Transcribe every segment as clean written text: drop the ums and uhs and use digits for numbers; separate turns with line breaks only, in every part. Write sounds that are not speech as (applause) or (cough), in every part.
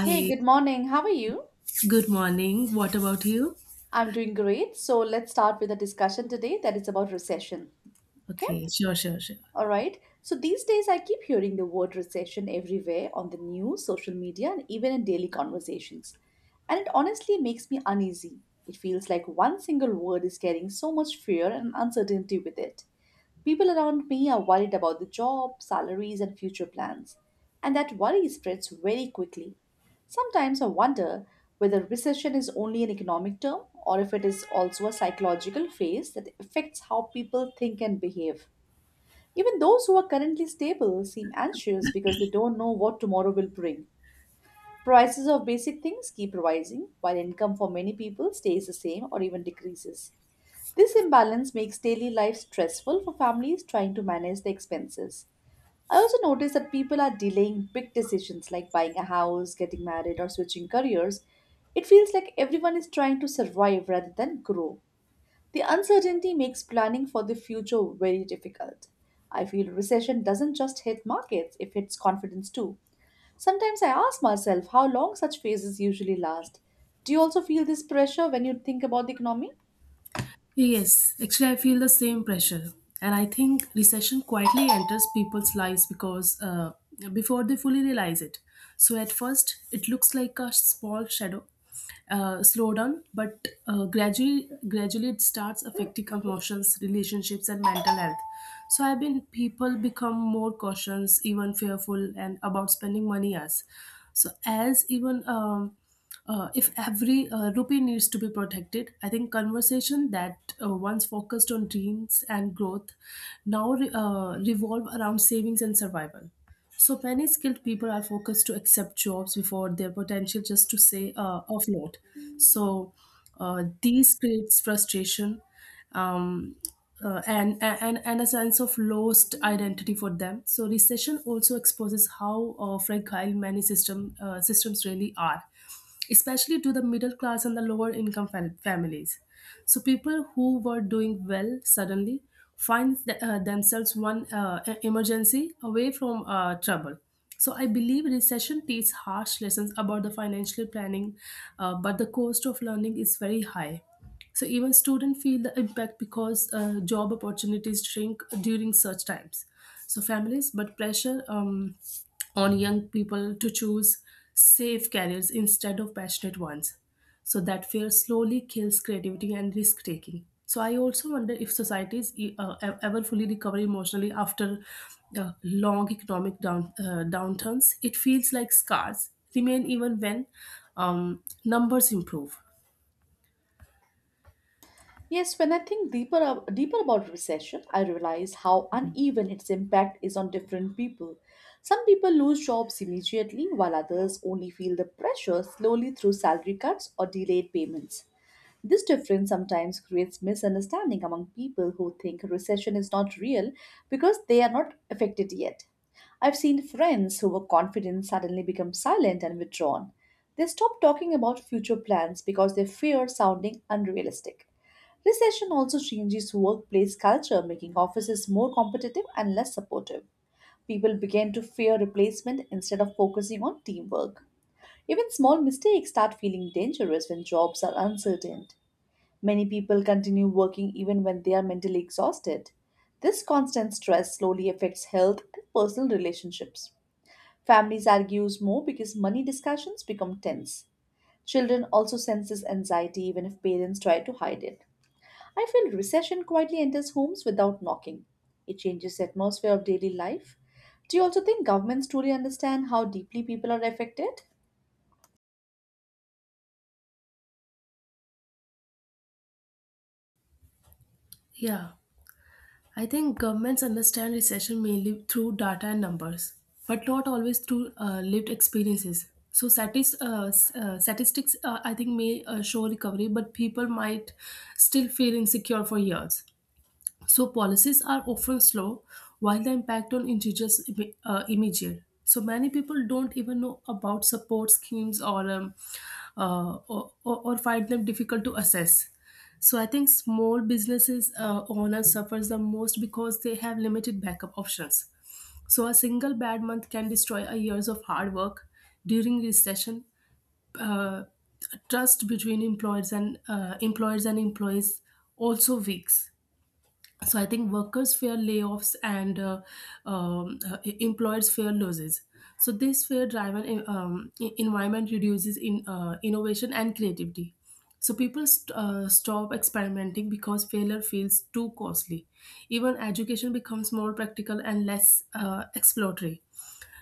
Hey, good morning. How are you?
good morning. What about you?
I'm doing great. So let's start with a discussion today that is about recession. Okay?
Okay, sure, sure, sure.
All right. So these days I keep hearing the word recession everywhere on the news, social media, and even in daily conversations. And it honestly makes me uneasy. It feels like one single word is carrying so much fear and uncertainty with it. People around me are worried about the job, salaries, and future plans, and that worry spreads very quickly. Sometimes I wonder whether recession is only an economic term or if it is also a psychological phase that affects how people think and behave. Even those who are currently stable seem anxious because they don't know what tomorrow will bring. Prices of basic things keep rising, while income for many people stays the same or even decreases. This imbalance makes daily life stressful for families trying to manage the expenses. I also notice that people are delaying big decisions like buying a house, getting married, or switching careers. It feels like everyone is trying to survive rather than grow. The uncertainty makes planning for the future very difficult. I feel recession doesn't just hit markets, it hits confidence too. Sometimes I ask myself how long such phases usually last. Do you also feel this pressure when you think about the economy?
Yes, actually, I feel the same pressure. And I think recession quietly enters people's lives because before they fully realize it. So at first, it looks like a small shadow, slowdown, but gradually it starts affecting emotions, relationships, and mental health. So I've been people become more cautious, even fearful, and about spending money as. So as even if every rupee needs to be protected, I think conversation that once focused on dreams and growth now revolve around savings and survival. So many skilled people are focused to accept jobs before their potential just to say offload. So these creates frustration um, and a sense of lost identity for them. So recession also exposes how fragile many systems really are, especially to the middle class and the lower income families. So people who were doing well suddenly find themselves one emergency away from trouble. So I believe recession teaches harsh lessons about the financial planning, but the cost of learning is very high. So even students feel the impact because job opportunities shrink during such times, so families but pressure on young people to choose safe careers instead of passionate ones, so that fear slowly kills creativity and risk taking. So I also wonder if societies ever fully recover emotionally after long economic downturns. It feels like scars remain even when numbers improve.
Yes, when I think deeper about recession, I realize how uneven its impact is on different people. Some people lose jobs immediately, while others only feel the pressure slowly through salary cuts or delayed payments. This difference sometimes creates misunderstanding among people who think recession is not real because they are not affected yet. I've seen friends who were confident suddenly become silent and withdrawn. They stop talking about future plans because they fear sounding unrealistic. Recession also changes workplace culture, making offices more competitive and less supportive. People begin to fear replacement instead of focusing on teamwork. Even small mistakes start feeling dangerous when jobs are uncertain. Many people continue working even when they are mentally exhausted. This constant stress slowly affects health and personal relationships. Families argue more because money discussions become tense. Children also sense this anxiety even if parents try to hide it. I feel recession quietly enters homes without knocking. It changes the atmosphere of daily life. Do you also think governments truly understand how deeply people are affected?
Yeah, I think governments understand recession mainly through data and numbers, but not always through lived experiences. So statistics, I think, may show recovery, but people might still feel insecure for years. So policies are often slow, while the impact on individuals immediate. So many people don't even know about support schemes or find them difficult to assess. So I think small businesses owners suffers the most because they have limited backup options. So a single bad month can destroy a years of hard work. During recession, uh, trust between employers and employees also weak. So I think workers fear layoffs, and employers fear losses. So this fear driven environment reduces in innovation and creativity. So people stop experimenting because failure feels too costly. Even education becomes more practical and less exploratory.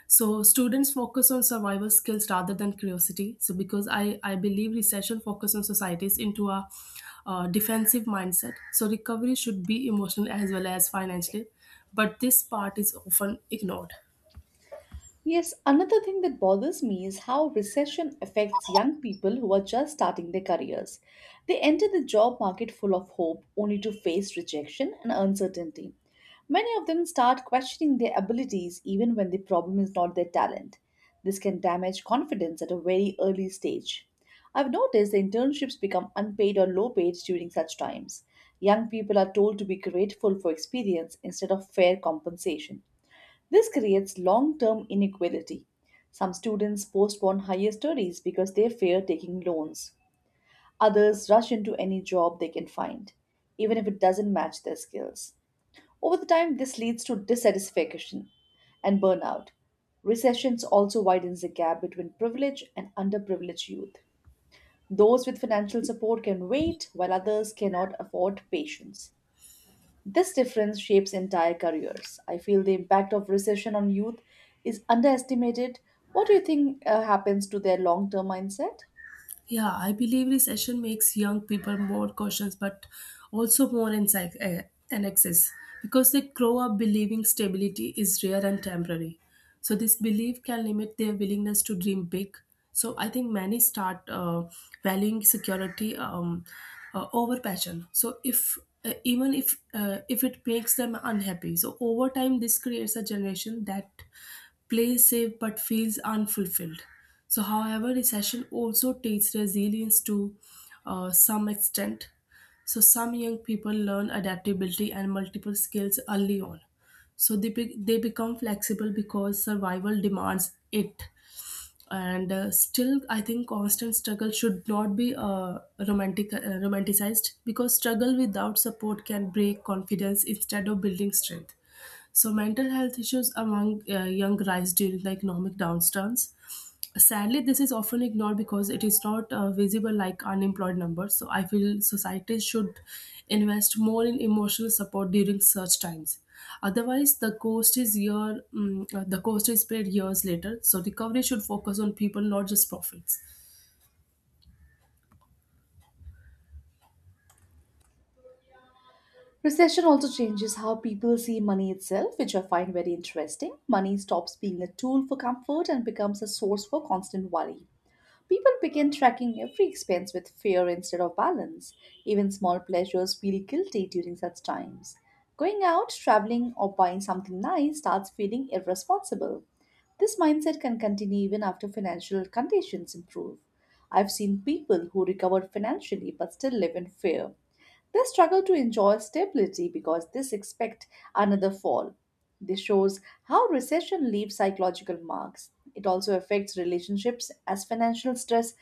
So students focus on survival skills rather than curiosity. So because I believe recession focus on societies into a defensive mindset, so recovery should be emotional as well as financial, but this part is often ignored.
Yes, another thing that bothers me is how recession affects young people who are just starting their careers. They enter the job market full of hope only to face rejection and uncertainty. Many of them start questioning their abilities even when the problem is not their talent. This can damage confidence at a very early stage. I've noticed the internships become unpaid or low paid during such times. Young people are told to be grateful for experience instead of fair compensation. This creates long term inequality. Some students postpone higher studies because they fear taking loans. Others rush into any job they can find, even if it doesn't match their skills. Over the time, this leads to dissatisfaction and burnout. Recessions also widens the gap between privileged and underprivileged youth. Those with financial support can wait, while others cannot afford patience. This difference shapes entire careers. I feel the impact of recession on youth is underestimated. What do you think happens to their long term mindset?
Yeah, I believe recession makes young people more cautious but also more anxious because they grow up believing stability is rare and temporary. So this belief can limit their willingness to dream big. So I think many start valuing security over passion. So if even if it makes them unhappy, so over time, this creates a generation that plays safe but feels unfulfilled. So, however, recession also teaches resilience to some extent. So some young people learn adaptability and multiple skills early on. So they, they become flexible because survival demands it. And still, I think constant struggle should not be romanticized because struggle without support can break confidence instead of building strength. So mental health issues among young rise during the economic downturns. Sadly, this is often ignored because it is not visible like unemployed numbers. So I feel society should invest more in emotional support during such times. Otherwise, the cost is paid years later. So recovery should focus on people, not just profits.
Recession also changes how people see money itself, which I find very interesting. Money stops being a tool for comfort and becomes a source for constant worry. People begin tracking every expense with fear instead of balance. Even small pleasures feel guilty during such times. Going out, traveling, or buying something nice starts feeling irresponsible. This mindset can continue even after financial conditions improve. I've seen people who recovered financially but still live in fear. They struggle to enjoy stability because they expect another fall. This shows how recession leaves psychological marks. It also affects relationships as financial stress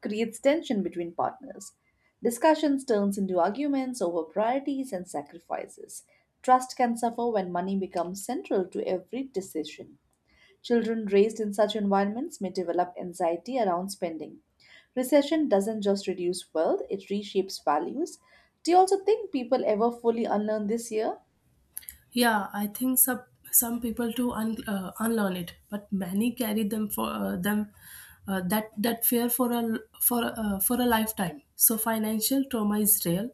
creates tension between partners. Discussions turns into arguments over priorities and sacrifices. Trust can suffer when money becomes central to every decision. Children raised in such environments may develop anxiety around spending. Recession doesn't just reduce wealth, it reshapes values. Do you also think people ever fully unlearn this year?
Yeah, I think some some people unlearn it, but many carry them for them that that fear for a for a lifetime. So financial trauma is real,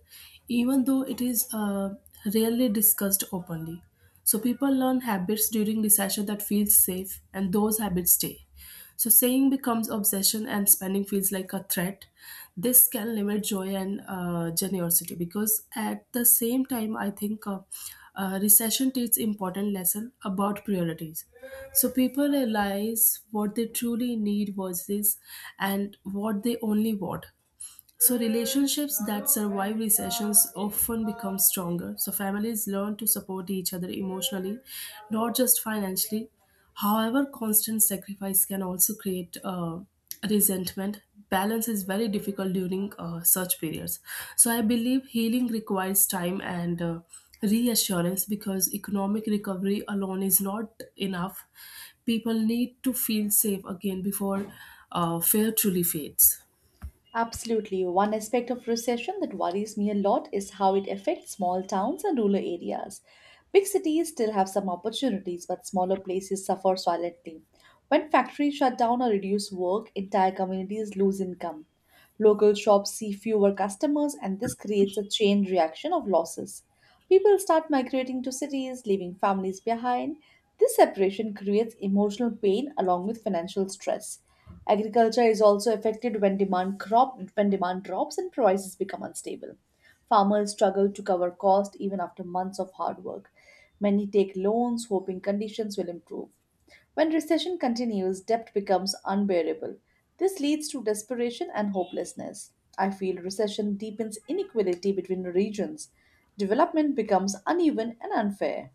even though it is rarely discussed openly. So people learn habits during recession that feels safe, and those habits stay. So saying becomes obsession and spending feels like a threat. This can limit joy and generosity, because at the same time, I think recession teaches important lesson about priorities. So people realize what they truly need versus and what they only want. So relationships that survive recessions often become stronger. So families learn to support each other emotionally, not just financially. However, constant sacrifice can also create resentment. Balance is very difficult during such periods. So I believe healing requires time and reassurance, because economic recovery alone is not enough. People need to feel safe again before fear truly fades.
Absolutely. One aspect of recession that worries me a lot is how it affects small towns and rural areas. Big cities still have some opportunities, but smaller places suffer silently. When factories shut down or reduce work, entire communities lose income. Local shops see fewer customers, and this creates a chain reaction of losses. People start migrating to cities, leaving families behind. This separation creates emotional pain along with financial stress. Agriculture is also affected when demand drops and prices become unstable. Farmers struggle to cover cost even after months of hard work. Many take loans hoping conditions will improve. When recession continues, debt becomes unbearable. This leads to desperation and hopelessness. I feel recession deepens inequality between regions. Development becomes uneven and unfair.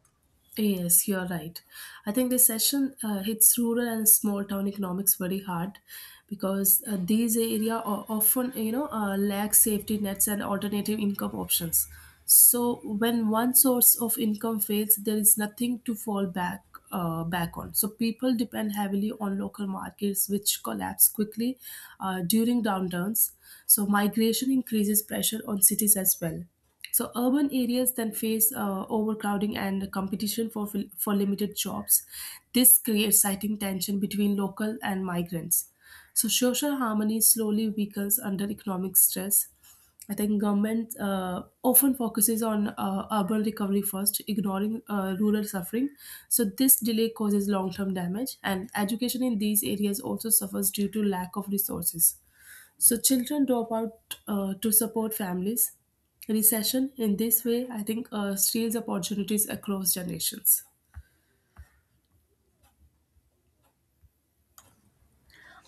Yes, you're right. I think this session hits rural and small town economics very hard because these area often, you know, lack safety nets and alternative income options. So when one source of income fails, there is nothing to fall back back on. So people depend heavily on local markets, which collapse quickly during downturns. So migration increases pressure on cities as well. So urban areas then face overcrowding and competition for for limited jobs. This creates citing tension between local and migrants. So social harmony slowly weakens under economic stress. I think government often focuses on urban recovery first, ignoring rural suffering. So this delay causes long-term damage, and education in these areas also suffers due to lack of resources. So children drop out to support families. Recession in this way, I think, steals opportunities across generations.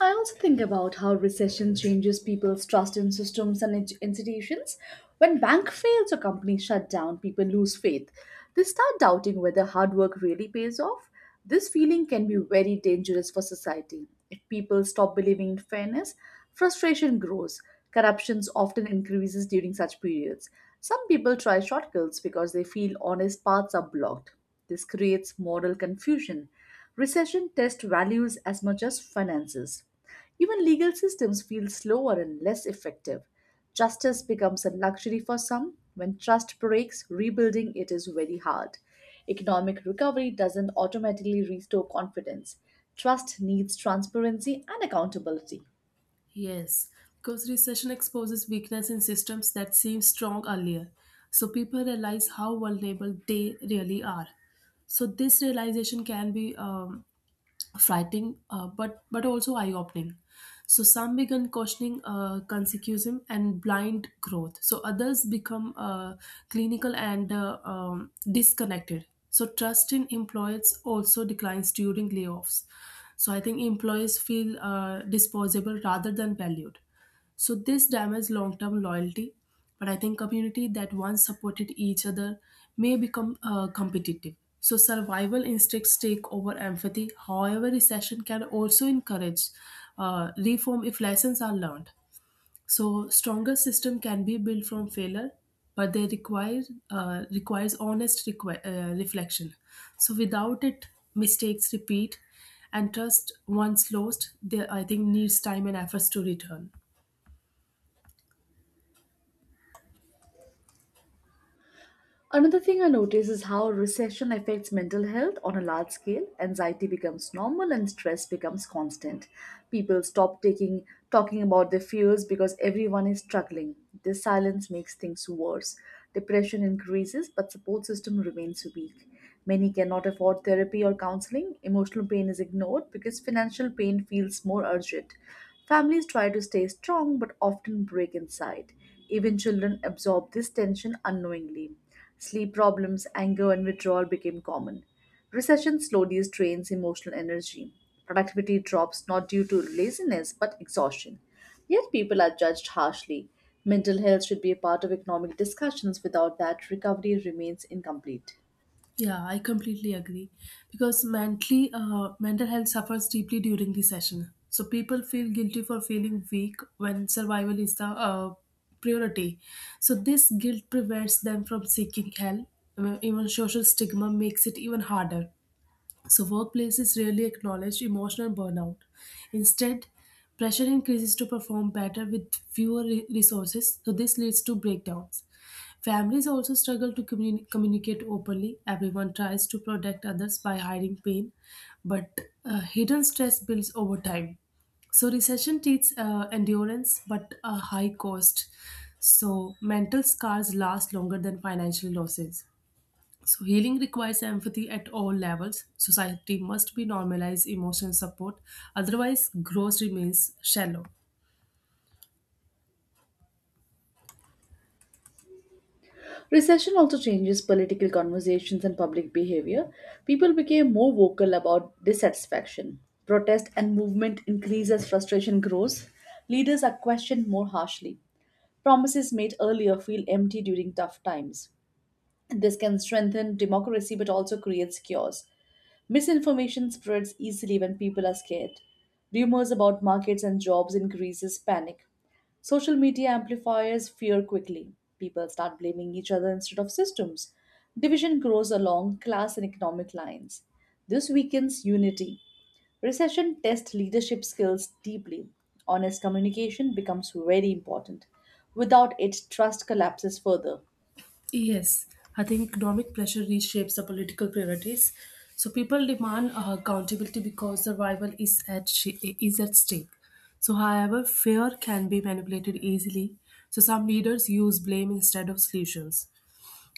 I also think about how recession changes people's trust in systems and institutions. When bank fails or companies shut down, people lose faith. They start doubting whether hard work really pays off. This feeling can be very dangerous for society. If people stop believing in fairness, frustration grows. Corruption often increases during such periods. Some people try shortcuts because they feel honest paths are blocked. This creates moral confusion. Recession tests values as much as finances. Even legal systems feel slower and less effective. Justice becomes a luxury for some. When trust breaks, rebuilding it is very hard. Economic recovery doesn't automatically restore confidence. Trust needs transparency and accountability.
Yes, because recession exposes weakness in systems that seemed strong earlier. So people realize how vulnerable they really are. So this realization can be frightening, but also eye-opening. So some began questioning consecutism and blind growth, so others become clinical and disconnected. So trust in employees also declines during layoffs. So I think employees feel disposable rather than valued. So this damages long-term loyalty. But I think community that once supported each other may become competitive. So survival instincts take over empathy. However, recession can also encourage reform if lessons are learned. So stronger system can be built from failure, but they require requires honest reflection. So without it, mistakes repeat, and trust once lost, they I think needs time and efforts to return.
Another thing I notice is how recession affects mental health on a large scale. Anxiety becomes normal and stress becomes constant. People stop taking talking about their fears because everyone is struggling. This silence makes things worse. Depression increases but support system remains weak. Many cannot afford therapy or counseling. Emotional pain is ignored because financial pain feels more urgent. Families try to stay strong but often break inside. Even children absorb this tension unknowingly. Sleep problems, anger, and withdrawal became common. Recession slowly drains emotional energy. Productivity drops not due to laziness but exhaustion. Yet people are judged harshly. Mental health should be a part of economic discussions. Without that, recovery remains incomplete.
Yeah, I completely agree. Because mental health suffers deeply during the session. So people feel guilty for feeling weak when survival is the priority. So this guilt prevents them from seeking help. Even social stigma makes it even harder. So workplaces rarely acknowledge emotional burnout. Instead, pressure increases to perform better with fewer resources, so this leads to breakdowns. Families also struggle to communicate openly. Everyone tries to protect others by hiding pain, but hidden stress builds over time. So recession teaches endurance but a high cost. So mental scars last longer than financial losses. So healing requires empathy at all levels. Society must be normalized emotional support, otherwise, growth remains shallow.
Recession also changes political conversations and public behavior. People became more vocal about dissatisfaction. Protest and movement increase as frustration grows. Leaders are questioned more harshly. Promises made earlier feel empty during tough times. This can strengthen democracy but also creates chaos. Misinformation spreads easily when people are scared. Rumors about markets and jobs increases panic. Social media amplifies fear quickly. People start blaming each other instead of systems. Division grows along class and economic lines. This weakens unity. Recession tests leadership skills deeply. Honest communication becomes very important. Without it, trust collapses further.
Yes, I think economic pressure reshapes the political priorities. So people demand accountability because survival is is at stake. So, however, fear can be manipulated easily. So some leaders use blame instead of solutions.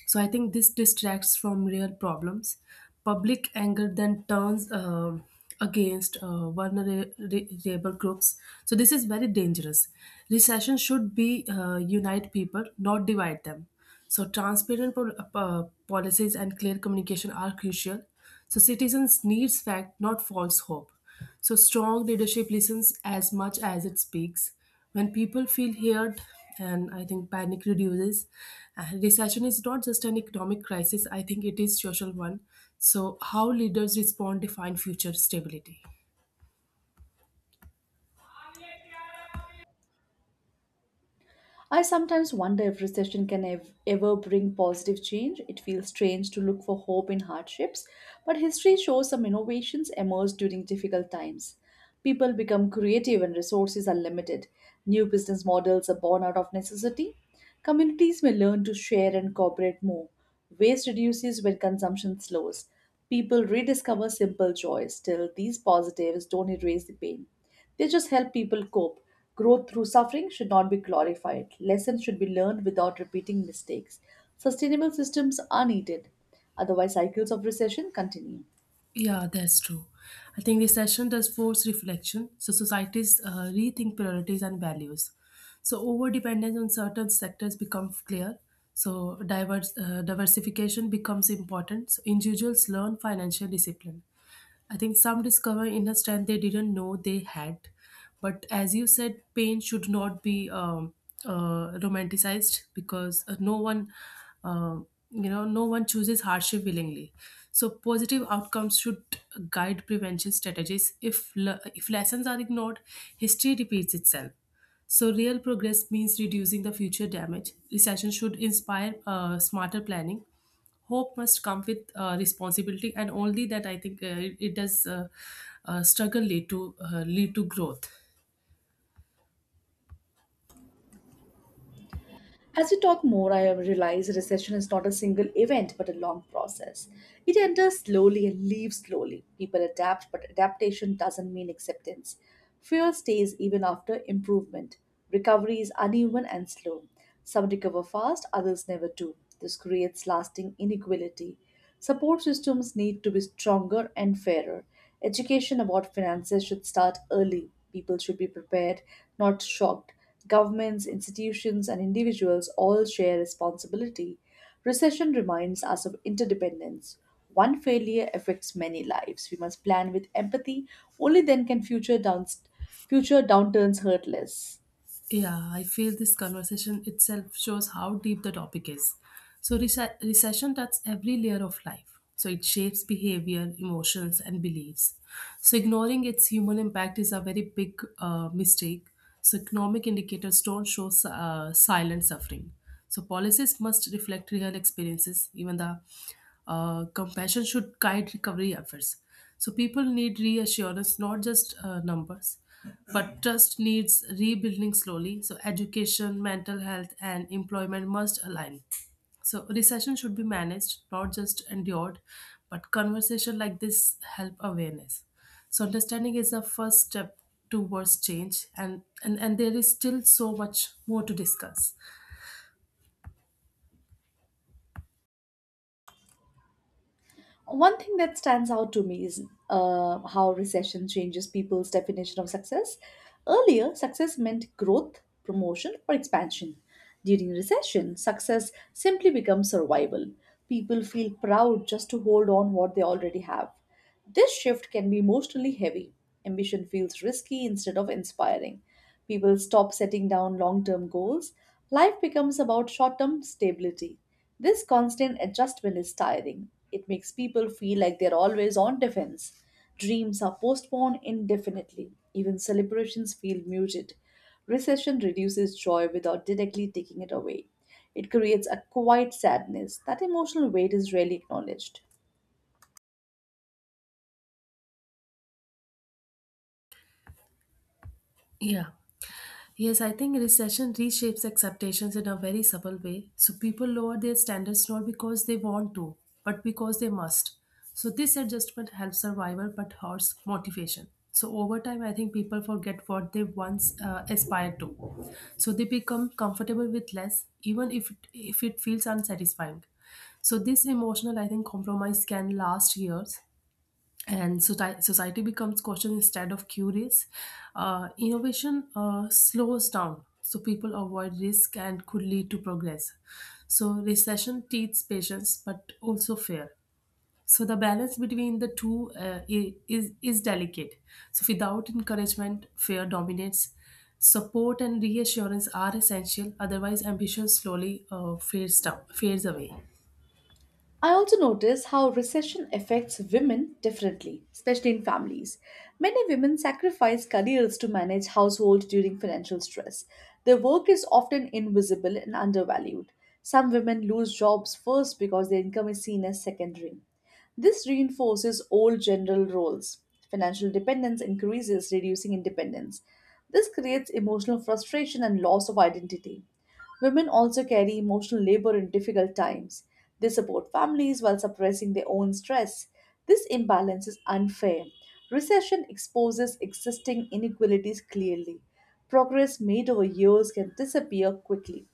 So I think this distracts from real problems. Public anger then turns against vulnerable groups. So this is very dangerous. Recession should be unite people, not divide them. So transparent policies and clear communication are crucial. So citizens needs fact, not false hope. So strong leadership listens as much as it speaks. When people feel heard, and I think panic reduces, and recession is not just an economic crisis, I think it is social one. So how leaders respond define future stability.
I sometimes wonder if recession can ever bring positive change. It feels strange to look for hope in hardships, but history shows some innovations emerge during difficult times. People become creative and resources are limited. New business models are born out of necessity. Communities may learn to share and cooperate more. Waste reduces when consumption slows. People rediscover simple joys. Still, these positives don't erase the pain. They just help people cope. Growth through suffering should not be glorified. Lessons should be learned without repeating mistakes. Sustainable systems are needed. Otherwise, cycles of recession continue.
Yeah, that's true. I think recession does force reflection. So societies rethink priorities and values. So over dependence on certain sectors becomes clear. So diversification becomes important. So individuals learn financial discipline. I think some discover inner strength they didn't know they had. But as you said, pain should not be romanticized because no one, uh, no one chooses hardship willingly. So positive outcomes should guide prevention strategies. If lessons are ignored, history repeats itself. So real progress means reducing the future damage. Recession should inspire smarter planning. Hope must come with responsibility, and only that I think it does struggle lead to lead to growth.
As we talk more, I have realized recession is not a single event but a long process. It enters slowly and leaves slowly. People adapt, but adaptation doesn't mean acceptance. Fear stays even after improvement. Recovery is uneven and slow. Some recover fast, others never do. This creates lasting inequality. Support systems need to be stronger and fairer. Education about finances should start early. People should be prepared, not shocked. Governments, institutions, and individuals all share responsibility. Recession reminds us of interdependence. One failure affects many lives. We must plan with empathy. Only then can future downturns hurt less.
Yeah, I feel this conversation itself shows how deep the topic is. So recession touches every layer of life. So it shapes behavior, emotions, and beliefs. So, ignoring its human impact is a very big mistake. So, economic indicators don't show silent suffering. So, policies must reflect real experiences. Even the compassion should guide recovery efforts. So people need reassurance, not just numbers, but trust needs rebuilding slowly. So education, mental health, and employment must align. So recession should be managed, not just endured, but conversation like this help awareness. So understanding is the first step towards change, and there is still so much more to discuss.
One thing that stands out to me is how recession changes people's definition of success. Earlier, success meant growth, promotion, or expansion. During recession, success simply becomes survival. People feel proud just to hold on what they already have. This shift can be emotionally heavy. Ambition feels risky instead of inspiring. People stop setting down long term goals. Life becomes about short term stability. This constant adjustment is tiring. It makes people feel like they're always on defense. Dreams are postponed indefinitely. Even celebrations feel muted. Recession reduces joy without directly taking it away. It creates a quiet sadness. That emotional weight is rarely acknowledged.
Yeah. Yes, I think recession reshapes expectations in a very subtle way. So people lower their standards not because they want to, but because they must. So this adjustment helps survival but hurts motivation. So over time, I think people forget what they once aspired to. So they become comfortable with less, even if it feels unsatisfying. So this emotional, I think, compromise can last years and society becomes cautious instead of curious. Innovation slows down, so people avoid risk and could lead to progress. So recession teaches patience, but also fear. So the balance between the two is delicate. So without encouragement, fear dominates. Support and reassurance are essential; otherwise, ambition slowly fades down, fades away.
I also notice how recession affects women differently, especially in families. Many women sacrifice careers to manage household during financial stress. Their work is often invisible and undervalued. Some women lose jobs first because their income is seen as secondary. This reinforces old general roles. Financial dependence increases, reducing independence. This creates emotional frustration and loss of identity. Women also carry emotional labor in difficult times. They support families while suppressing their own stress. This imbalance is unfair. Recession exposes existing inequalities clearly. Progress made over years can disappear quickly.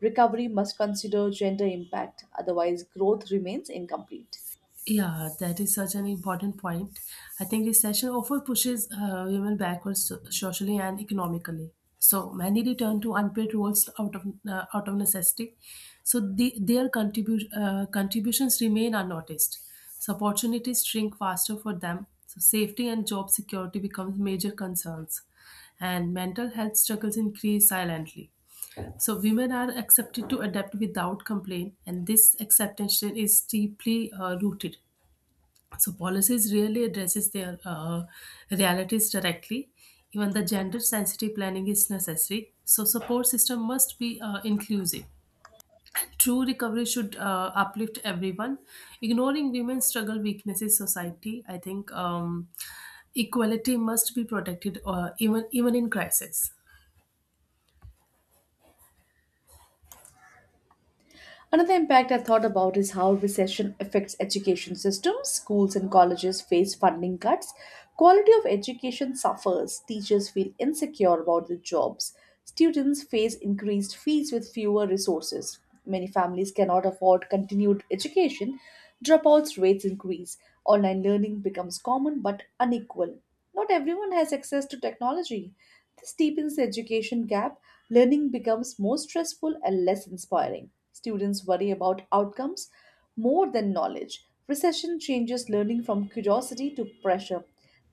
Recovery must consider gender impact, otherwise, growth remains incomplete.
Yeah, that is such an important point. I think recession often pushes women backwards socially and economically. So many return to unpaid roles out of necessity. So their contributions remain unnoticed. So opportunities shrink faster for them. So safety and job security becomes major concerns, and mental health struggles increase silently. So women are accepted to adapt without complaint, and this acceptance is deeply rooted. So policies really addresses their realities directly. Even the gender-sensitive planning is necessary. So support system must be inclusive. True recovery should uplift everyone. Ignoring women's struggle weaknesses society. I think equality must be protected even in crisis.
Another impact I thought about is how recession affects education systems. Schools and colleges face funding cuts. Quality of education suffers. Teachers feel insecure about their jobs. Students face increased fees with fewer resources. Many families cannot afford continued education. Dropouts rates increase. Online learning becomes common but unequal. Not everyone has access to technology. This deepens the education gap. Learning becomes more stressful and less inspiring. Students worry about outcomes more than knowledge. Recession changes learning from curiosity to pressure.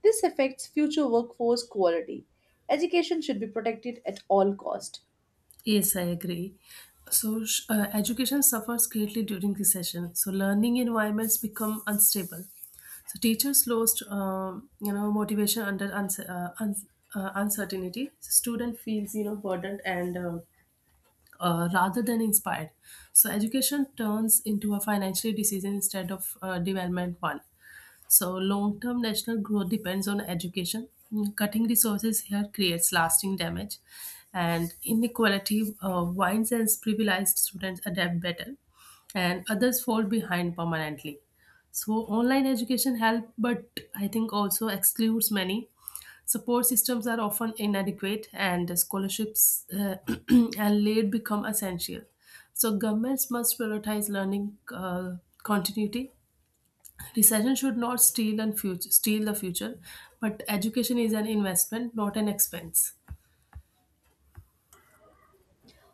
This affects future workforce quality. Education should be protected at all cost.
Yes, I agree. So, education suffers greatly during recession. So, learning environments become unstable. So, teachers lost, you know, motivation under uncertainty. So student feels, burdened and rather than inspired. So, education turns into a financial decision instead of development one. So, long term national growth depends on education. Mm, Cutting resources here creates lasting damage, and inequality winds and privileged students adapt better, and others fall behind permanently. So, online education help, but I think also excludes many. Support systems are often inadequate, and scholarships (clears throat) and late become essential. So, governments must prioritize learning continuity. Recession should not steal and future, steal the future, but education is an investment, not an expense.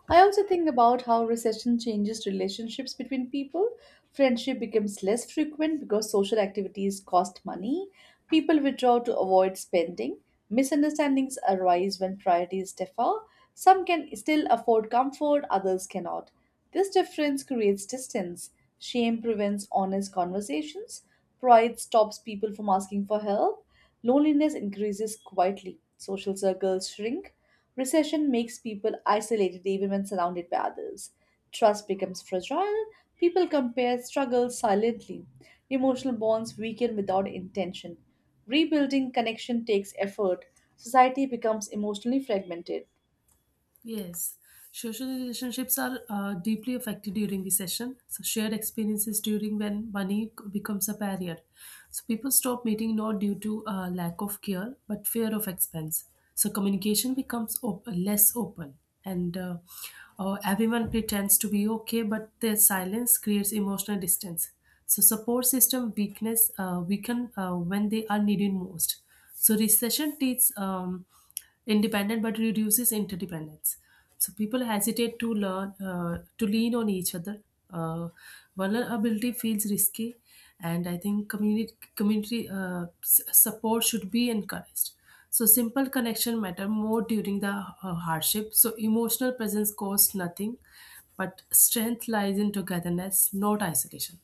I also think about how recession changes relationships between people. Friendship becomes less frequent because social activities cost money. People withdraw to avoid spending. Misunderstandings arise when priorities differ. Some can still afford comfort, others cannot. This difference creates distance. Shame prevents honest conversations. Pride stops people from asking for help. Loneliness increases quietly, social circles shrink, recession makes people isolated even when surrounded by others. Trust becomes fragile, people compare struggles silently, emotional bonds weaken without intention. Rebuilding connection takes effort, society becomes emotionally fragmented.
Yes, social relationships are deeply affected during the session. So shared experiences during when money becomes a barrier. So people stop meeting not due to lack of care, but fear of expense. So communication becomes less open, and everyone pretends to be okay, but their silence creates emotional distance. So support system weakness weaken when they are needed most. So recession teaches. Independent but reduces interdependence, so people hesitate to learn to lean on each other. Uh, vulnerability feels risky, and I think community support should be encouraged. So simple connection matter more during the hardship. So emotional presence costs nothing, but strength lies in togetherness, not isolation.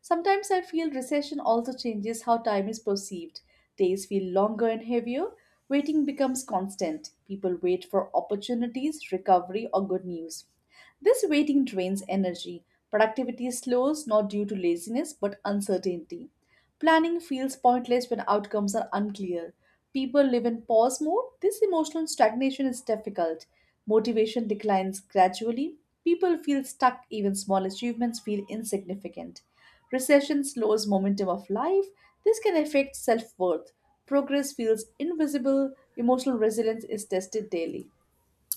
Sometimes I feel recession also changes how time is perceived. Days feel longer and heavier. Waiting becomes constant. People wait for opportunities, recovery, or good news. This waiting drains energy. Productivity slows not due to laziness but uncertainty. Planning feels pointless when outcomes are unclear. People live in pause mode. This emotional stagnation is difficult. Motivation declines gradually. People feel stuck, even small achievements feel insignificant. Recession slows momentum of life. This can affect self worth. Progress feels invisible. Emotional resilience is tested daily.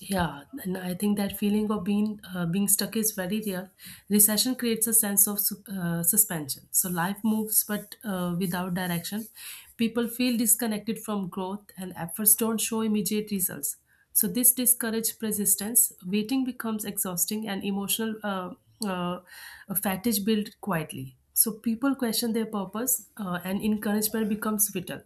Yeah, and I think that feeling of being stuck is very real. Recession creates a sense of suspension. So life moves, but without direction. People feel disconnected from growth, and efforts don't show immediate results. So this discourages persistence. Waiting becomes exhausting, and emotional uh, fatigue builds quietly. So people question their purpose, and encouragement becomes vital.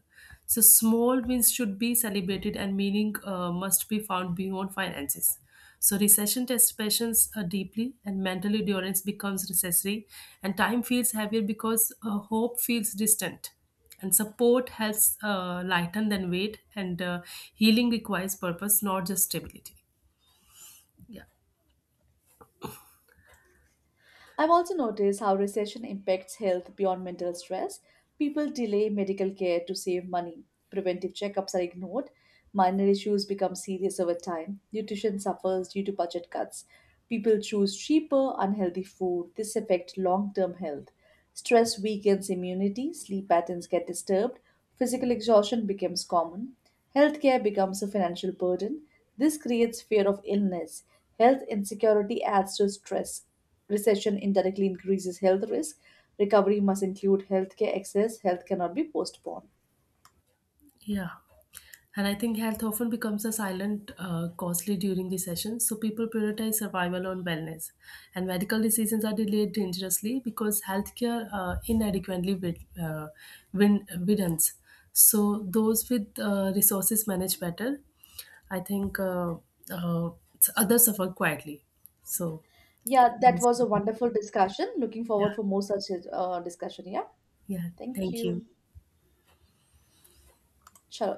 So small wins should be celebrated and meaning must be found beyond finances. So recession tests patience deeply, and mental endurance becomes necessary, and time feels heavier because hope feels distant, and support helps lighten than weight, and healing requires purpose, not just stability. Yeah.
I've also noticed how recession impacts health beyond mental stress. People delay medical care to save money. Preventive checkups are ignored. Minor issues become serious over time. Nutrition suffers due to budget cuts. People choose cheaper, unhealthy food. This affects long term health. Stress weakens immunity. Sleep patterns get disturbed. Physical exhaustion becomes common. Healthcare becomes a financial burden. This creates fear of illness. Health insecurity adds to stress. Recession indirectly increases health risk. Recovery must include healthcare access. Health cannot be postponed.
Yeah. And I think health often becomes a silent costly during the session, so people prioritize survival on wellness. And medical decisions are delayed dangerously because healthcare inadequately widens. So those with resources manage better. I think uh, others suffer quietly. So,
Yeah, that was a wonderful discussion. Looking
yeah,
forward for more such discussion. Yeah,
yeah.
thank
Thank you.
you. Chalo.